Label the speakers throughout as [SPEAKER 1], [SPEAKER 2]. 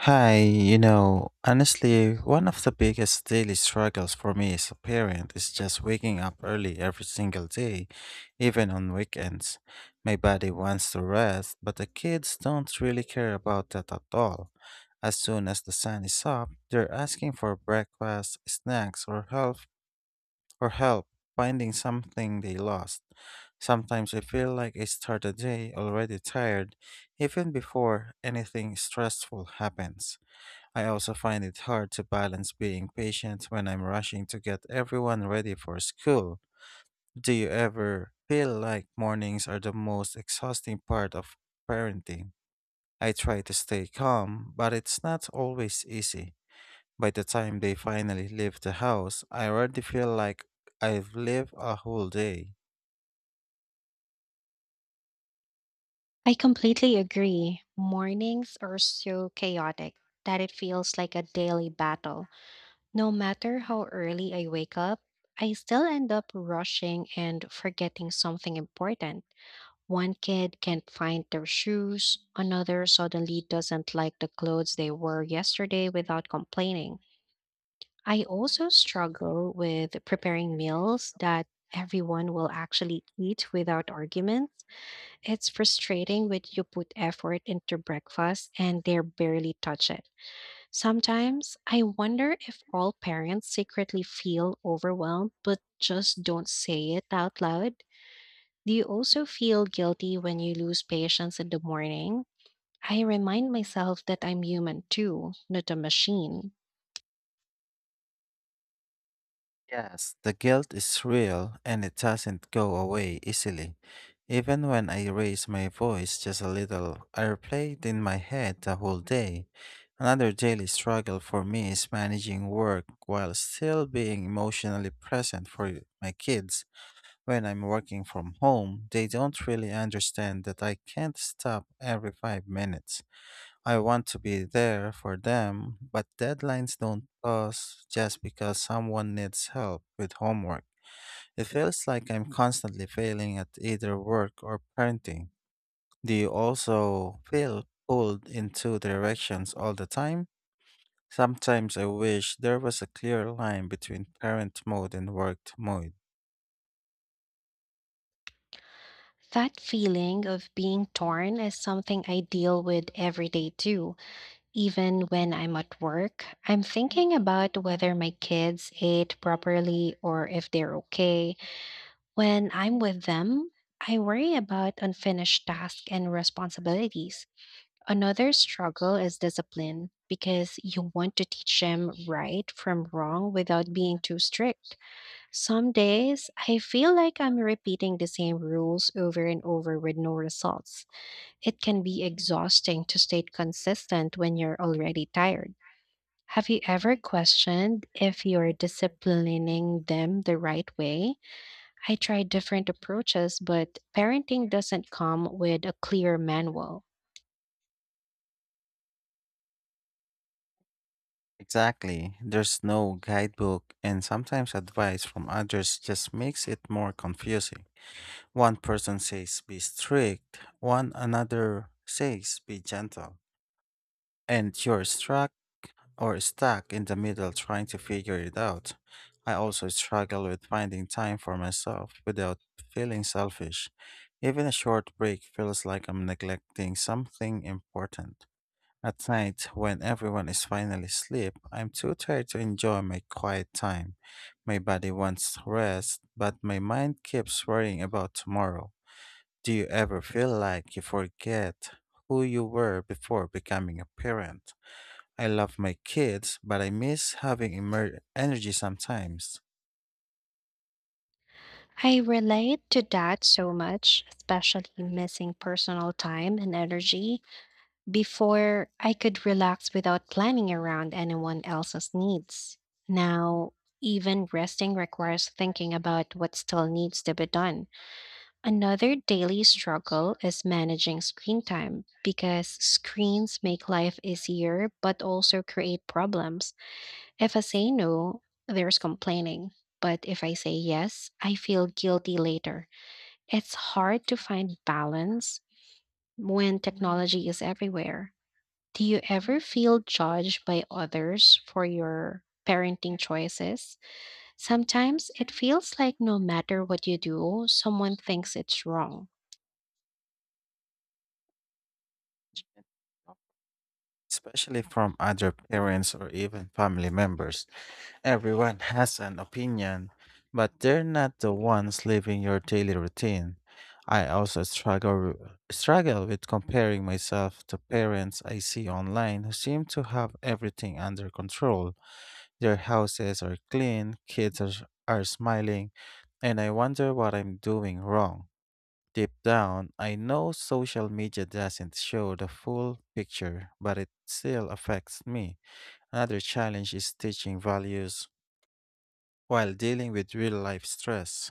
[SPEAKER 1] Hi, honestly, one of the biggest daily struggles for me as a parent is just waking up early every single day, even on weekends. My body wants to rest, but the kids don't really care about that at all. As soon as the sun is up, they're asking for breakfast, snacks, or help finding something they lost. Sometimes I feel like I start the day already tired, even before anything stressful happens. I also find it hard to balance being patient when I'm rushing to get everyone ready for school. Do you ever feel like mornings are the most exhausting part of parenting? I try to stay calm, but it's not always easy. By the time they finally leave the house, I already feel like I've lived a whole day.
[SPEAKER 2] I completely agree. Mornings are so chaotic that it feels like a daily battle. No matter how early I wake up, I still end up rushing and forgetting something important. One kid can't find their shoes, another suddenly doesn't like the clothes they wore yesterday without complaining. I also struggle with preparing meals that everyone will actually eat without arguments. It's frustrating when you put effort into breakfast and they barely touch it. Sometimes I wonder if all parents secretly feel overwhelmed but just don't say it out loud. Do you also feel guilty when you lose patience in the morning? I remind myself that I'm human too, not a machine.
[SPEAKER 1] Yes, the guilt is real and it doesn't go away easily. Even when I raise my voice just a little, I replay it in my head the whole day. Another daily struggle for me is managing work while still being emotionally present for my kids. When I'm working from home, they don't really understand that I can't stop every 5 minutes. I want to be there for them, but deadlines don't pause just because someone needs help with homework. It feels like I'm constantly failing at either work or parenting. Do you also feel pulled in two directions all the time? Sometimes I wish there was a clear line between parent mode and work mode.
[SPEAKER 2] That feeling of being torn is something I deal with every day too. Even when I'm at work, I'm thinking about whether my kids ate properly or if they're okay. When I'm with them, I worry about unfinished tasks and responsibilities. Another struggle is discipline because you want to teach them right from wrong without being too strict. Some days, I feel like I'm repeating the same rules over and over with no results. It can be exhausting to stay consistent when you're already tired. Have you ever questioned if you're disciplining them the right way? I tried different approaches, but parenting doesn't come with a clear manual.
[SPEAKER 1] Exactly. There's no guidebook, and sometimes advice from others just makes it more confusing. One person says be strict, one another says be gentle, and you're struck or stuck in the middle trying to figure it out. I also struggle with finding time for myself without feeling selfish. Even a short break feels like I'm neglecting something important. At night, when everyone is finally asleep, I'm too tired to enjoy my quiet time. My body wants rest, but my mind keeps worrying about tomorrow. Do you ever feel like you forget who you were before becoming a parent? I love my kids, but I miss having energy sometimes,
[SPEAKER 2] I relate to that so much, especially missing personal time and energy before I could relax without planning around anyone else's needs. Now, even resting requires thinking about what still needs to be done. Another daily struggle is managing screen time because screens make life easier but also create problems. If I say no, there's complaining. But if I say yes, I feel guilty later. It's hard to find balance when technology is everywhere. Do you ever feel judged by others for your parenting choices? Sometimes it feels like no matter what you do, someone thinks it's wrong.
[SPEAKER 1] especially from other parents or even family members. Everyone has an opinion, but they're not the ones living your daily routine. I also struggle with comparing myself to parents I see online who seem to have everything under control. Their houses are clean, kids are smiling, and I wonder what I'm doing wrong. Deep down, I know social media doesn't show the full picture, but it still affects me. Another challenge is teaching values while dealing with real life stress.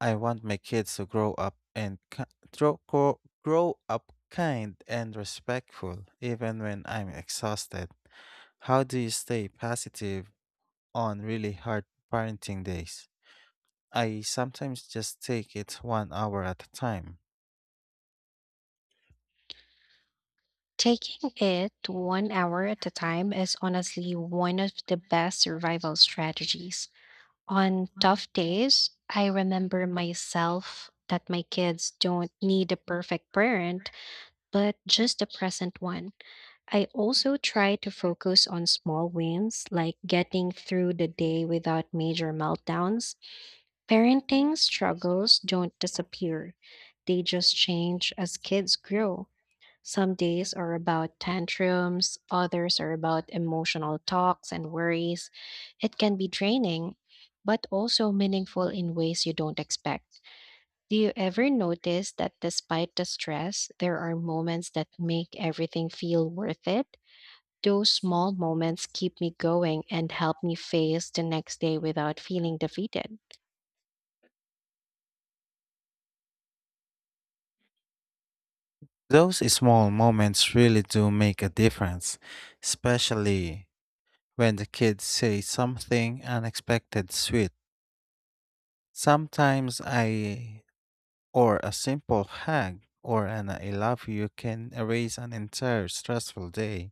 [SPEAKER 1] I want my kids to grow up and ki- grow, grow grow up kind and respectful, even when I'm exhausted. How do you stay positive on really hard parenting days. I sometimes just take it one hour at a time.
[SPEAKER 2] Taking it 1 hour at a time is honestly one of the best survival strategies. On tough days, I remember myself that my kids don't need a perfect parent, but just a present one. I also try to focus on small wins, like getting through the day without major meltdowns. Parenting struggles don't disappear, they just change as kids grow. Some days are about tantrums, others are about emotional talks and worries. It can be draining, but also meaningful in ways you don't expect. Do you ever notice that despite the stress, there are moments that make everything feel worth it? Those small moments keep me going and help me face the next day without feeling defeated.
[SPEAKER 1] Those small moments really do make a difference, especially when the kids say something unexpected sweet. Sometimes I, or a simple hug or an I love you can erase an entire stressful day.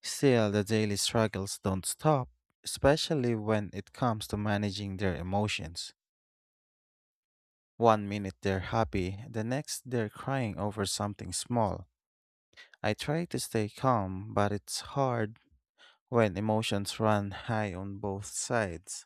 [SPEAKER 1] Still, the daily struggles don't stop, especially when it comes to managing their emotions. One minute they're happy, the next they're crying over something small. I try to stay calm, but it's hard when emotions run high on both sides.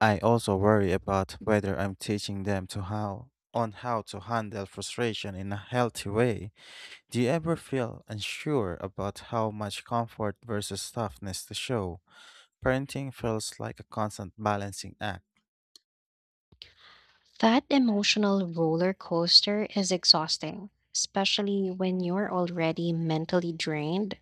[SPEAKER 1] I also worry about whether I'm teaching them to how on how to handle frustration in a healthy way. Do you ever feel unsure about how much comfort versus toughness to show? Parenting feels like a constant balancing act.
[SPEAKER 2] That emotional roller coaster is exhausting, especially when you're already mentally drained.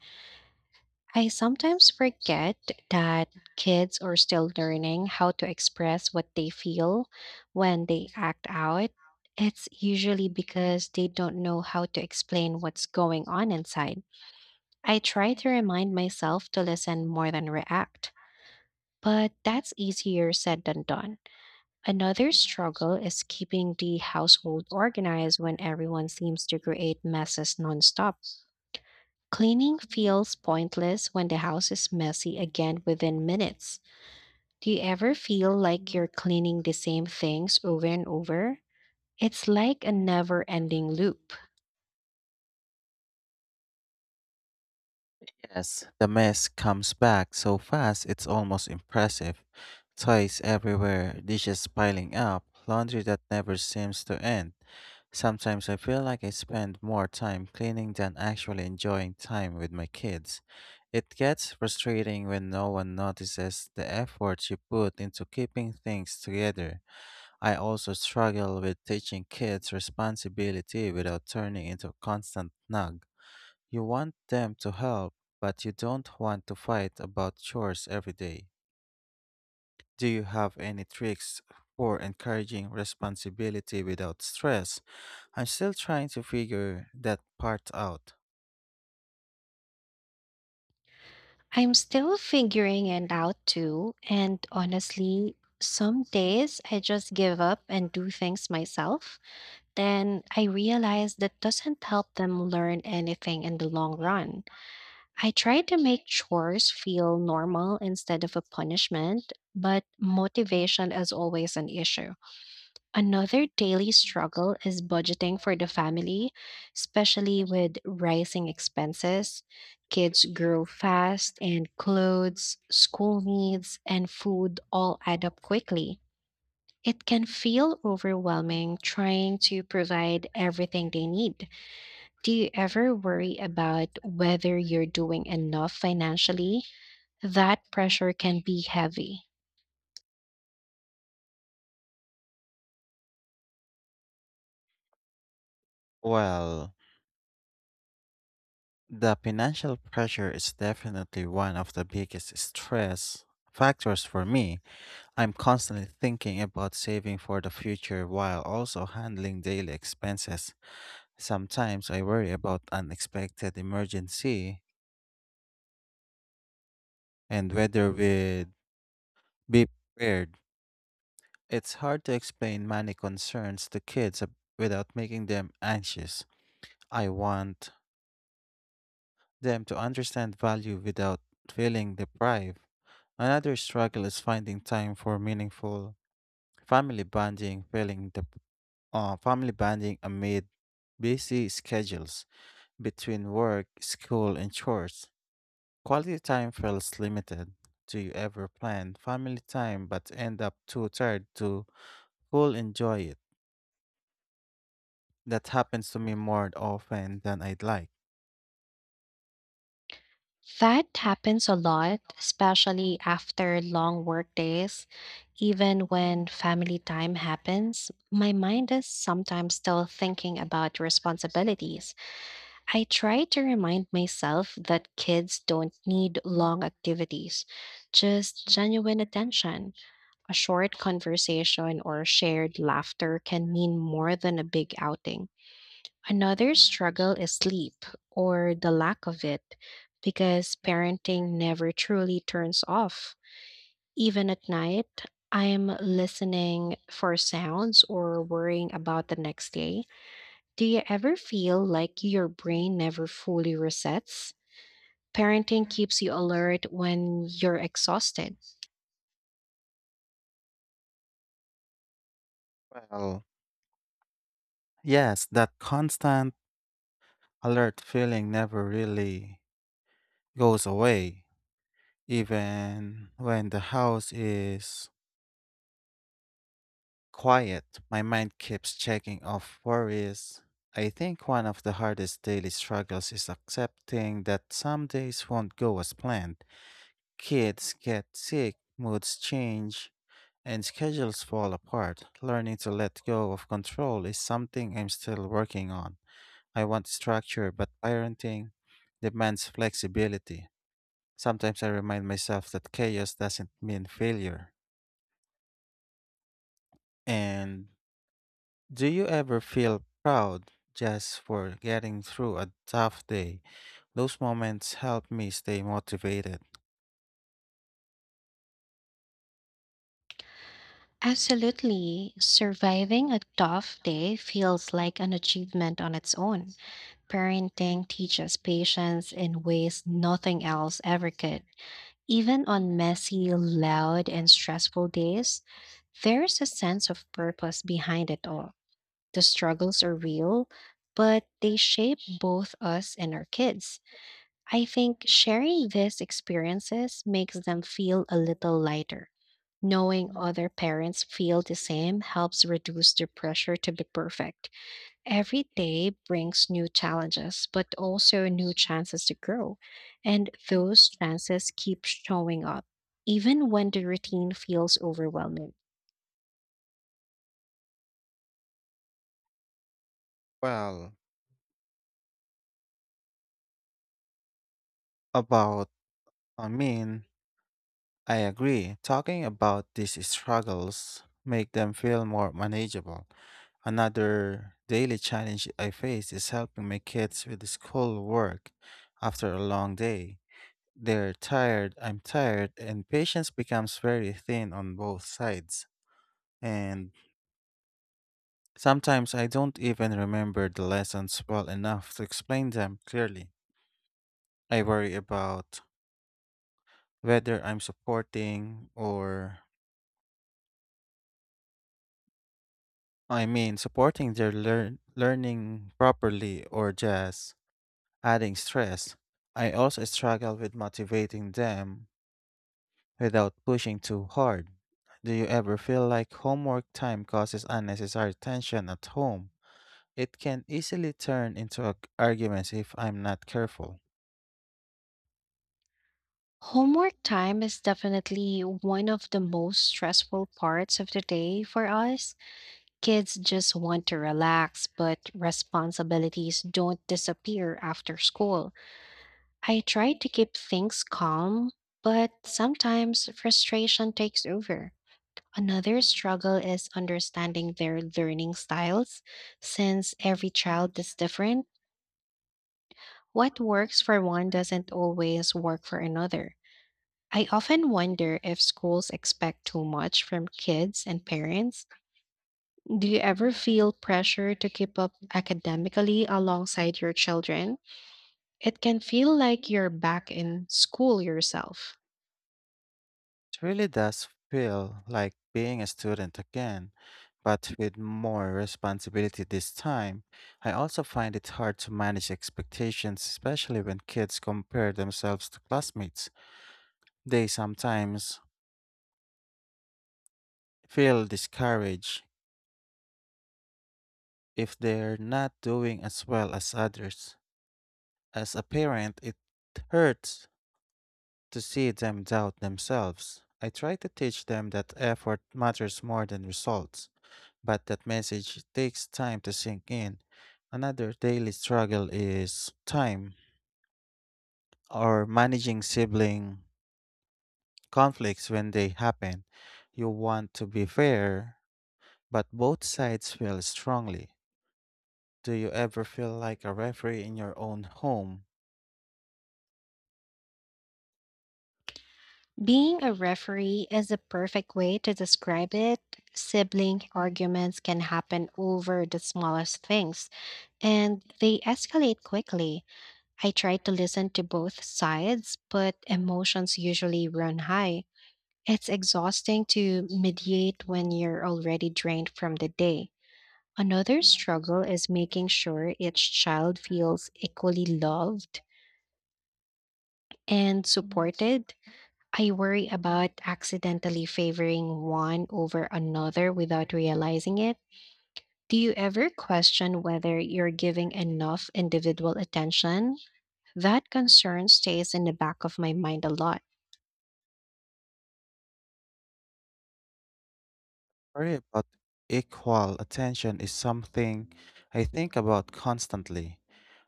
[SPEAKER 2] I sometimes forget that kids are still learning how to express what they feel when they act out. It's usually because they don't know how to explain what's going on inside. I try to remind myself to listen more than react, but that's easier said than done. Another struggle is keeping the household organized when everyone seems to create messes nonstop. Cleaning feels pointless when the house is messy again within minutes. Do you ever feel like you're cleaning the same things over and over? It's like a never ending loop.
[SPEAKER 1] Yes, the mess comes back so fast it's almost impressive. Toys everywhere, dishes piling up, laundry that never seems to end. Sometimes I feel like I spend more time cleaning than actually enjoying time with my kids. It gets frustrating when no one notices the effort you put into keeping things together. I also struggle with teaching kids responsibility without turning into a constant nag. You want them to help, but you don't want to fight about chores every day. Do you have any tricks for encouraging responsibility without stress? I'm still trying to figure that part out.
[SPEAKER 2] I'm still figuring it out too, and honestly, some days I just give up and do things myself. Then I realize that doesn't help them learn anything in the long run. I tried to make chores feel normal instead of a punishment, but motivation is always an issue. Another daily struggle is budgeting for the family, especially with rising expenses. Kids grow fast, and clothes, school needs, and food all add up quickly. It can feel overwhelming trying to provide everything they need. Do you ever worry about whether you're doing enough financially? That pressure can be heavy.
[SPEAKER 1] Well, the financial pressure is definitely one of the biggest stress factors for me. I'm constantly thinking about saving for the future while also handling daily expenses. Sometimes I worry about unexpected emergency and whether we'd be prepared. It's hard to explain many concerns to kids without making them anxious. I want them to understand value without feeling deprived. Another struggle is finding time for meaningful family bonding, feeling the family bonding amid busy schedules between work, school, and chores. Quality time feels limited. Do you ever plan family time but end up too tired to full enjoy it? That happens to me more often than I'd like.
[SPEAKER 2] That happens a lot, especially after long work days. Even when family time happens, my mind is sometimes still thinking about responsibilities. I try to remind myself that kids don't need long activities, just genuine attention. A short conversation or shared laughter can mean more than a big outing. Another struggle is sleep or the lack of it, because parenting never truly turns off. Even at night, I'm listening for sounds or worrying about the next day. Do you ever feel like your brain never fully resets? Parenting keeps you alert when you're exhausted.
[SPEAKER 1] Well, yes, that constant alert feeling never really goes away. Even when the house is quiet, my mind keeps checking off worries. I think one of the hardest daily struggles is accepting that some days won't go as planned. Kids get sick, moods change, and schedules fall apart. Learning to let go of control is something I'm still working on. I want structure, but parenting demands flexibility. Sometimes I remind myself that chaos doesn't mean failure. And do you ever feel proud just for getting through a tough day? Those moments help me stay motivated.
[SPEAKER 2] Absolutely. Surviving a tough day feels like an achievement on its own. Parenting teaches patience in ways nothing else ever could. Even on messy, loud, and stressful days, there's a sense of purpose behind it all. The struggles are real, but they shape both us and our kids. I think sharing these experiences makes them feel a little lighter. Knowing other parents feel the same helps reduce the pressure to be perfect. Every day brings new challenges, but also new chances to grow. And those chances keep showing up, even when the routine feels overwhelming.
[SPEAKER 1] Well, about, I mean, I agree. Talking about these struggles make them feel more manageable. Another daily challenge I face is helping my kids with school work after a long day. They're tired, I'm tired, and patience becomes very thin on both sides. And sometimes I don't even remember the lessons well enough to explain them clearly. I worry about whether I'm supporting or I mean, supporting their learning properly or just adding stress. I also struggle with motivating them without pushing too hard. Do you ever feel like homework time causes unnecessary tension at home? It can easily turn into arguments if I'm not careful.
[SPEAKER 2] Homework time is definitely one of the most stressful parts of the day for us. Kids just want to relax, but responsibilities don't disappear after school. I try to keep things calm, but sometimes frustration takes over. Another struggle is understanding their learning styles, since every child is different. What works for one doesn't always work for another. I often wonder if schools expect too much from kids and parents. Do you ever feel pressure to keep up academically alongside your children? It can feel like you're back in school yourself.
[SPEAKER 1] It really does feel like being a student again, but with more responsibility this time. I also find it hard to manage expectations, especially when kids compare themselves to classmates. They sometimes feel discouraged if they're not doing as well as others. As a parent, it hurts to see them doubt themselves. I try to teach them that effort matters more than results, but that message takes time to sink in. Another daily struggle is time or managing sibling conflicts when they happen. You want to be fair, but both sides feel strongly. Do you ever feel like a referee in your own home?
[SPEAKER 2] Being a referee is the perfect way to describe it. Sibling arguments can happen over the smallest things, and they escalate quickly. I try to listen to both sides, but emotions usually run high. It's exhausting to mediate when you're already drained from the day. Another struggle is making sure each child feels equally loved and supported. I worry about accidentally favoring one over another without realizing it. Do you ever question whether you're giving enough individual attention? That concern stays in the back of my mind a lot.
[SPEAKER 1] Worry about equal attention is something I think about constantly.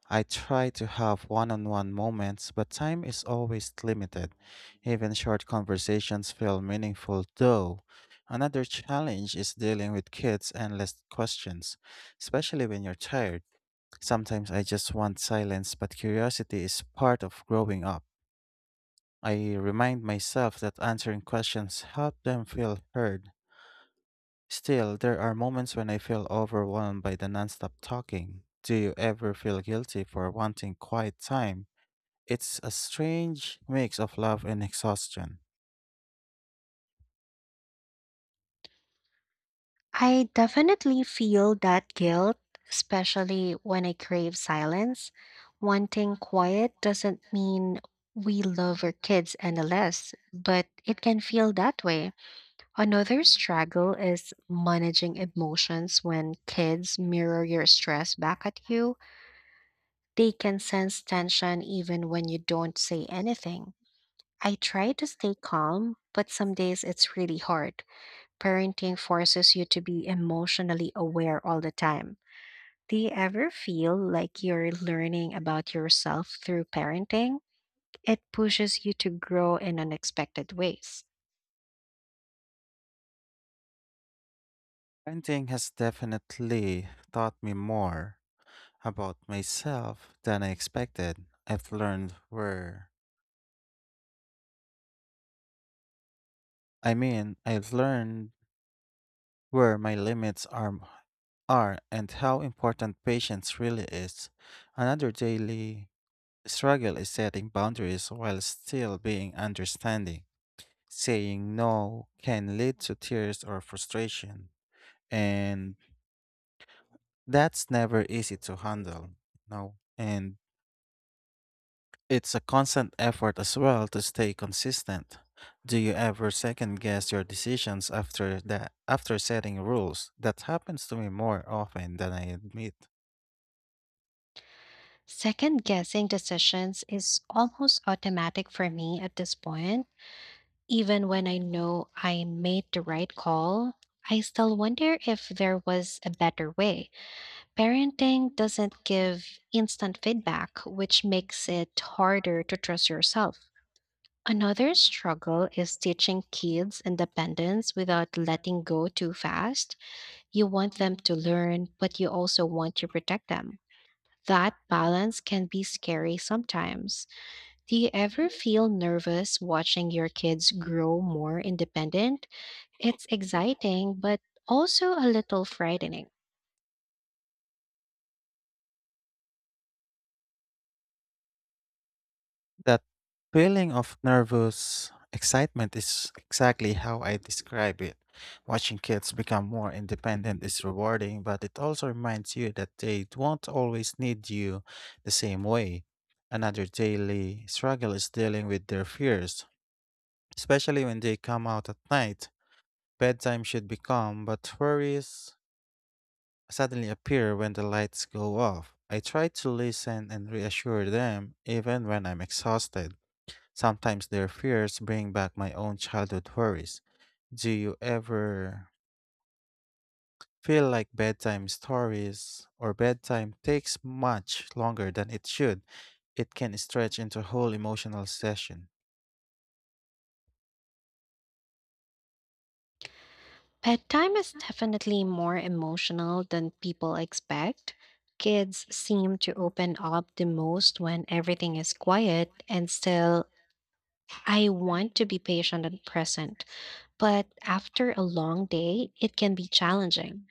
[SPEAKER 1] I try to have one on one moments, but time is always limited. Even short conversations feel meaningful, though. Another challenge is dealing with kids endless questions, especially when you're tired. Sometimes I just want silence, but curiosity is part of growing up. I remind myself that answering questions help them feel heard. Still, there are moments when I feel overwhelmed by the nonstop talking. Do you ever feel guilty for wanting quiet time? It's a strange mix of love and exhaustion.
[SPEAKER 2] I definitely feel that guilt, especially when I crave silence. Wanting quiet doesn't mean we love our kids any less, but it can feel that way. Another struggle is managing emotions when kids mirror your stress back at you. They can sense tension even when you don't say anything. I try to stay calm, but some days it's really hard. Parenting forces you to be emotionally aware all the time. Do you ever feel like you're learning about yourself through parenting? It pushes you to grow in unexpected ways.
[SPEAKER 1] Painting has definitely taught me more about myself than I expected. I mean, I've learned where my limits are and how important patience really is. Another daily struggle is setting boundaries while still being understanding. Saying no can lead to tears or frustration, and that's never easy to handle, no. And it's a constant effort as well to stay consistent. Do you ever second guess your decisions after setting rules? That happens to me more often than I admit.
[SPEAKER 2] Second guessing decisions is almost automatic for me at this point. Even when I know I made the right call, I still wonder if there was a better way. Parenting doesn't give instant feedback, which makes it harder to trust yourself. Another struggle is teaching kids independence without letting go too fast. You want them to learn, but you also want to protect them. That balance can be scary sometimes. Do you ever feel nervous watching your kids grow more independent? It's exciting, but also a little frightening.
[SPEAKER 1] That feeling of nervous excitement is exactly how I describe it. Watching kids become more independent is rewarding, but it also reminds you that they won't always need you the same way. Another daily struggle is dealing with their fears, especially when they come out at night. Bedtime should be calm, but worries suddenly appear when the lights go off. I try to listen and reassure them even when I'm exhausted. Sometimes their fears bring back my own childhood worries. Do you ever feel like bedtime stories or bedtime takes much longer than it should? It can stretch into a whole emotional session.
[SPEAKER 2] Pet time is definitely more emotional than people expect. Kids seem to open up the most when everything is quiet, and still, I want to be patient and present. But after a long day, it can be challenging.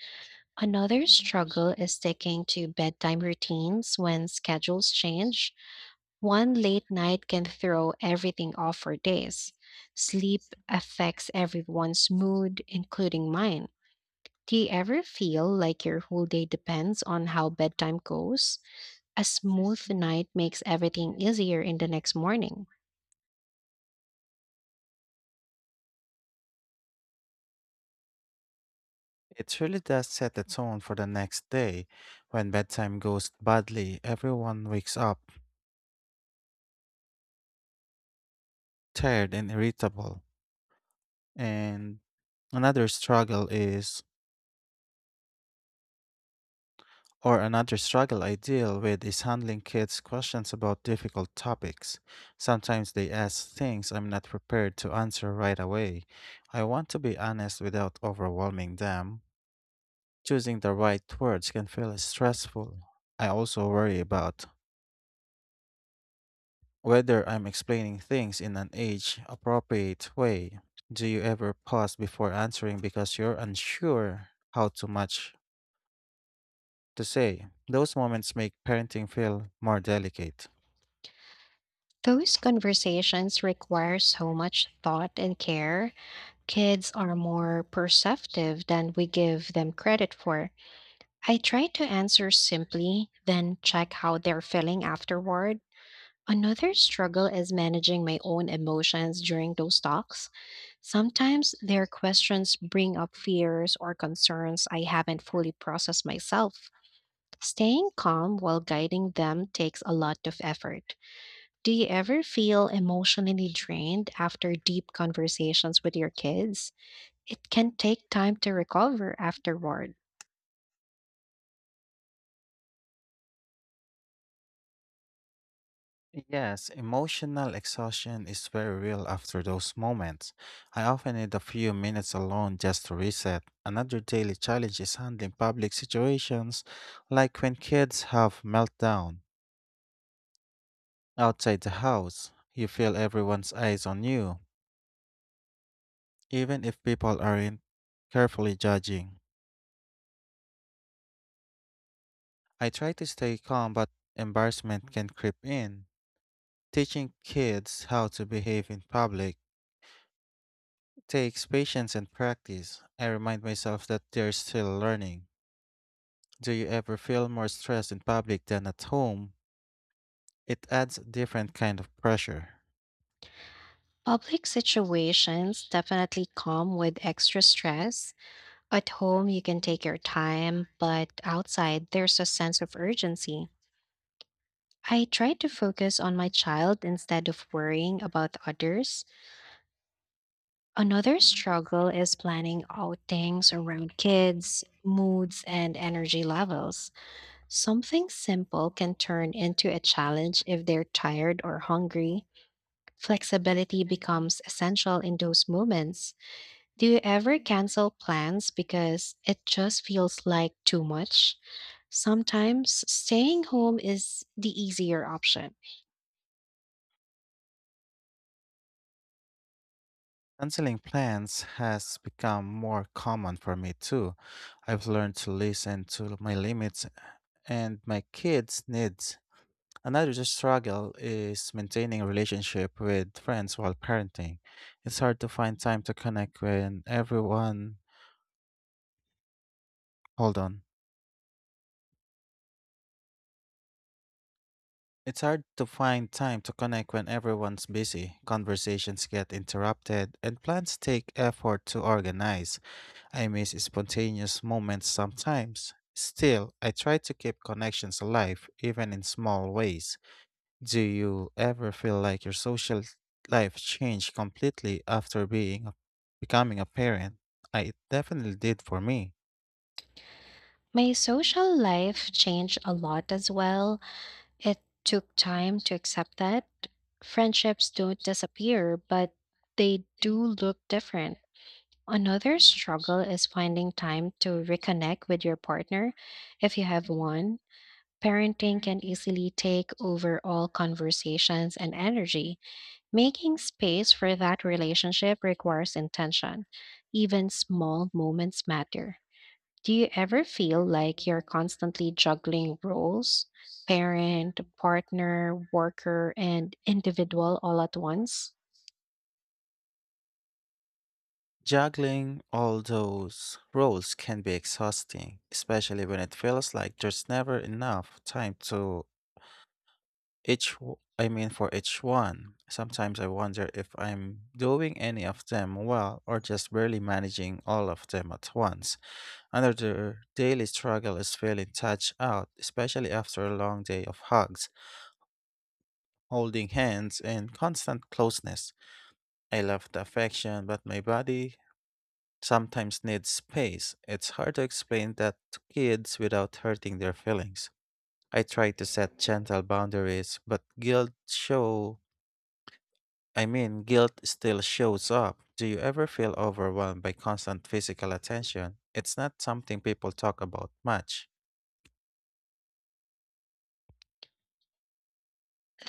[SPEAKER 2] Another struggle is sticking to bedtime routines when schedules change. One late night can throw everything off for days. Sleep affects everyone's mood, including mine. Do you ever feel like your whole day depends on how bedtime goes? A smooth night makes everything easier in the next morning.
[SPEAKER 1] It really does set the tone for the next day. When bedtime goes badly, everyone wakes up tired and irritable. And another struggle is Or another struggle I deal with is handling kids' questions about difficult topics. Sometimes they ask things I'm not prepared to answer right away. I want to be honest without overwhelming them. Choosing the right words can feel stressful. I also worry about whether I'm explaining things in an age appropriate way. Do you ever pause before answering because you're unsure how to much to say? Those moments make parenting feel more delicate.
[SPEAKER 2] Those conversations require so much thought and care. Kids are more perceptive than we give them credit for. I try to answer simply, then check how they're feeling afterward. Another struggle is managing my own emotions during those talks. Sometimes their questions bring up fears or concerns I haven't fully processed myself. Staying calm while guiding them takes a lot of effort. Do you ever feel emotionally drained after deep conversations with your kids? It can take time to recover afterward.
[SPEAKER 1] Yes, emotional exhaustion is very real after those moments. I often need a few minutes alone just to reset. Another daily challenge is handling public situations, like when kids have meltdown outside the house. You feel everyone's eyes on you, even if people aren't carefully judging. I try to stay calm, but embarrassment can creep in. Teaching kids how to behave in public takes patience and practice. I remind myself that they're still learning. Do you ever feel more stressed in public than at home? It adds a different kind of pressure.
[SPEAKER 2] Public situations definitely come with extra stress. At home, you can take your time, but outside, there's a sense of urgency. I try to focus on my child instead of worrying about others. Another struggle is planning outings around kids, moods, and energy levels. Something simple can turn into a challenge if they're tired or hungry. Flexibility becomes essential in those moments. Do you ever cancel plans because it just feels like too much? Sometimes staying home is the easier option.
[SPEAKER 1] Canceling plans has become more common for me too. I've learned to listen to my limits and my kids' needs. Another struggle is maintaining a relationship with friends while parenting. It's hard to find time to connect when everyone. Hold on. It's hard to find time to connect when everyone's busy, conversations get interrupted, and plans take effort to organize. I miss spontaneous moments sometimes. Still, I try to keep connections alive, even in small ways. Do you ever feel like your social life changed completely after being becoming a parent? I it definitely did for me.
[SPEAKER 2] My social life changed a lot as well. It took time to accept that. Friendships don't disappear, but they do look different. Another struggle is finding time to reconnect with your partner if you have one. Parenting can easily take over all conversations and energy. Making space for that relationship requires intention. Even small moments matter. Do you ever feel like you're constantly juggling roles? Parent, partner, worker, and individual all at once?
[SPEAKER 1] Juggling all those roles can be exhausting, especially when it feels like there's never enough time to I mean for each one. Sometimes I wonder if I'm doing any of them well or just barely managing all of them at once. Another daily struggle is feeling touched out, especially after a long day of hugs, holding hands, and constant closeness. I love the affection, but my body sometimes need space. It's hard to explain that to kids without hurting their feelings. I try to set gentle boundaries, but guilt show I mean guilt still shows up. Do you ever feel overwhelmed by constant physical attention? It's not something people talk about much.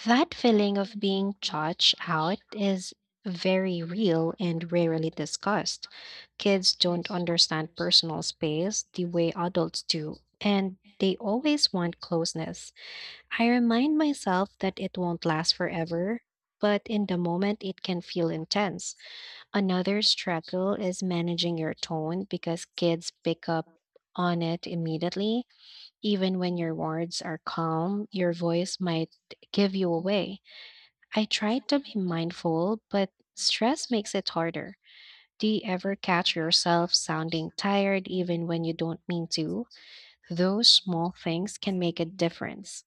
[SPEAKER 2] That feeling of being judged out is very real and rarely discussed. Kids don't understand personal space the way adults do, and they always want closeness. I remind myself that it won't last forever, but in the moment it can feel intense. Another struggle is managing your tone because kids pick up on it immediately. Even when your words are calm, your voice might give you away. I try to be mindful, but stress makes it harder. Do you ever catch yourself sounding tired even when you don't mean to? Those small things can make a difference.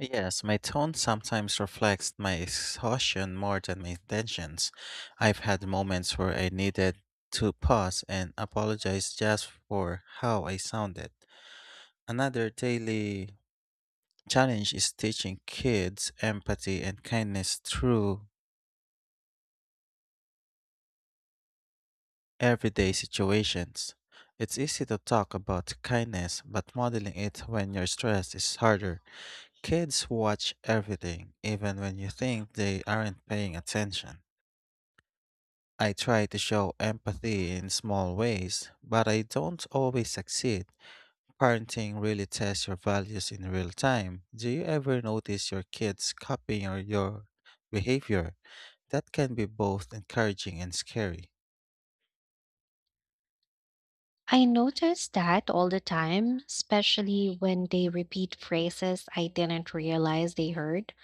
[SPEAKER 1] Yes, my tone sometimes reflects my exhaustion more than my intentions. I've had moments where I needed to pause and apologize just for how I sounded. Another daily challenge is teaching kids empathy and kindness through everyday situations. It's easy to talk about kindness, but modeling it when you're stressed is harder. Kids watch everything, even when you think they aren't paying attention. I try to show empathy in small ways, but I don't always succeed. Parenting really tests your values in real time. Do you ever notice your kids copying your behavior? That can be both encouraging and scary.
[SPEAKER 2] I notice that all the time, especially when they repeat phrases I didn't realize they heard.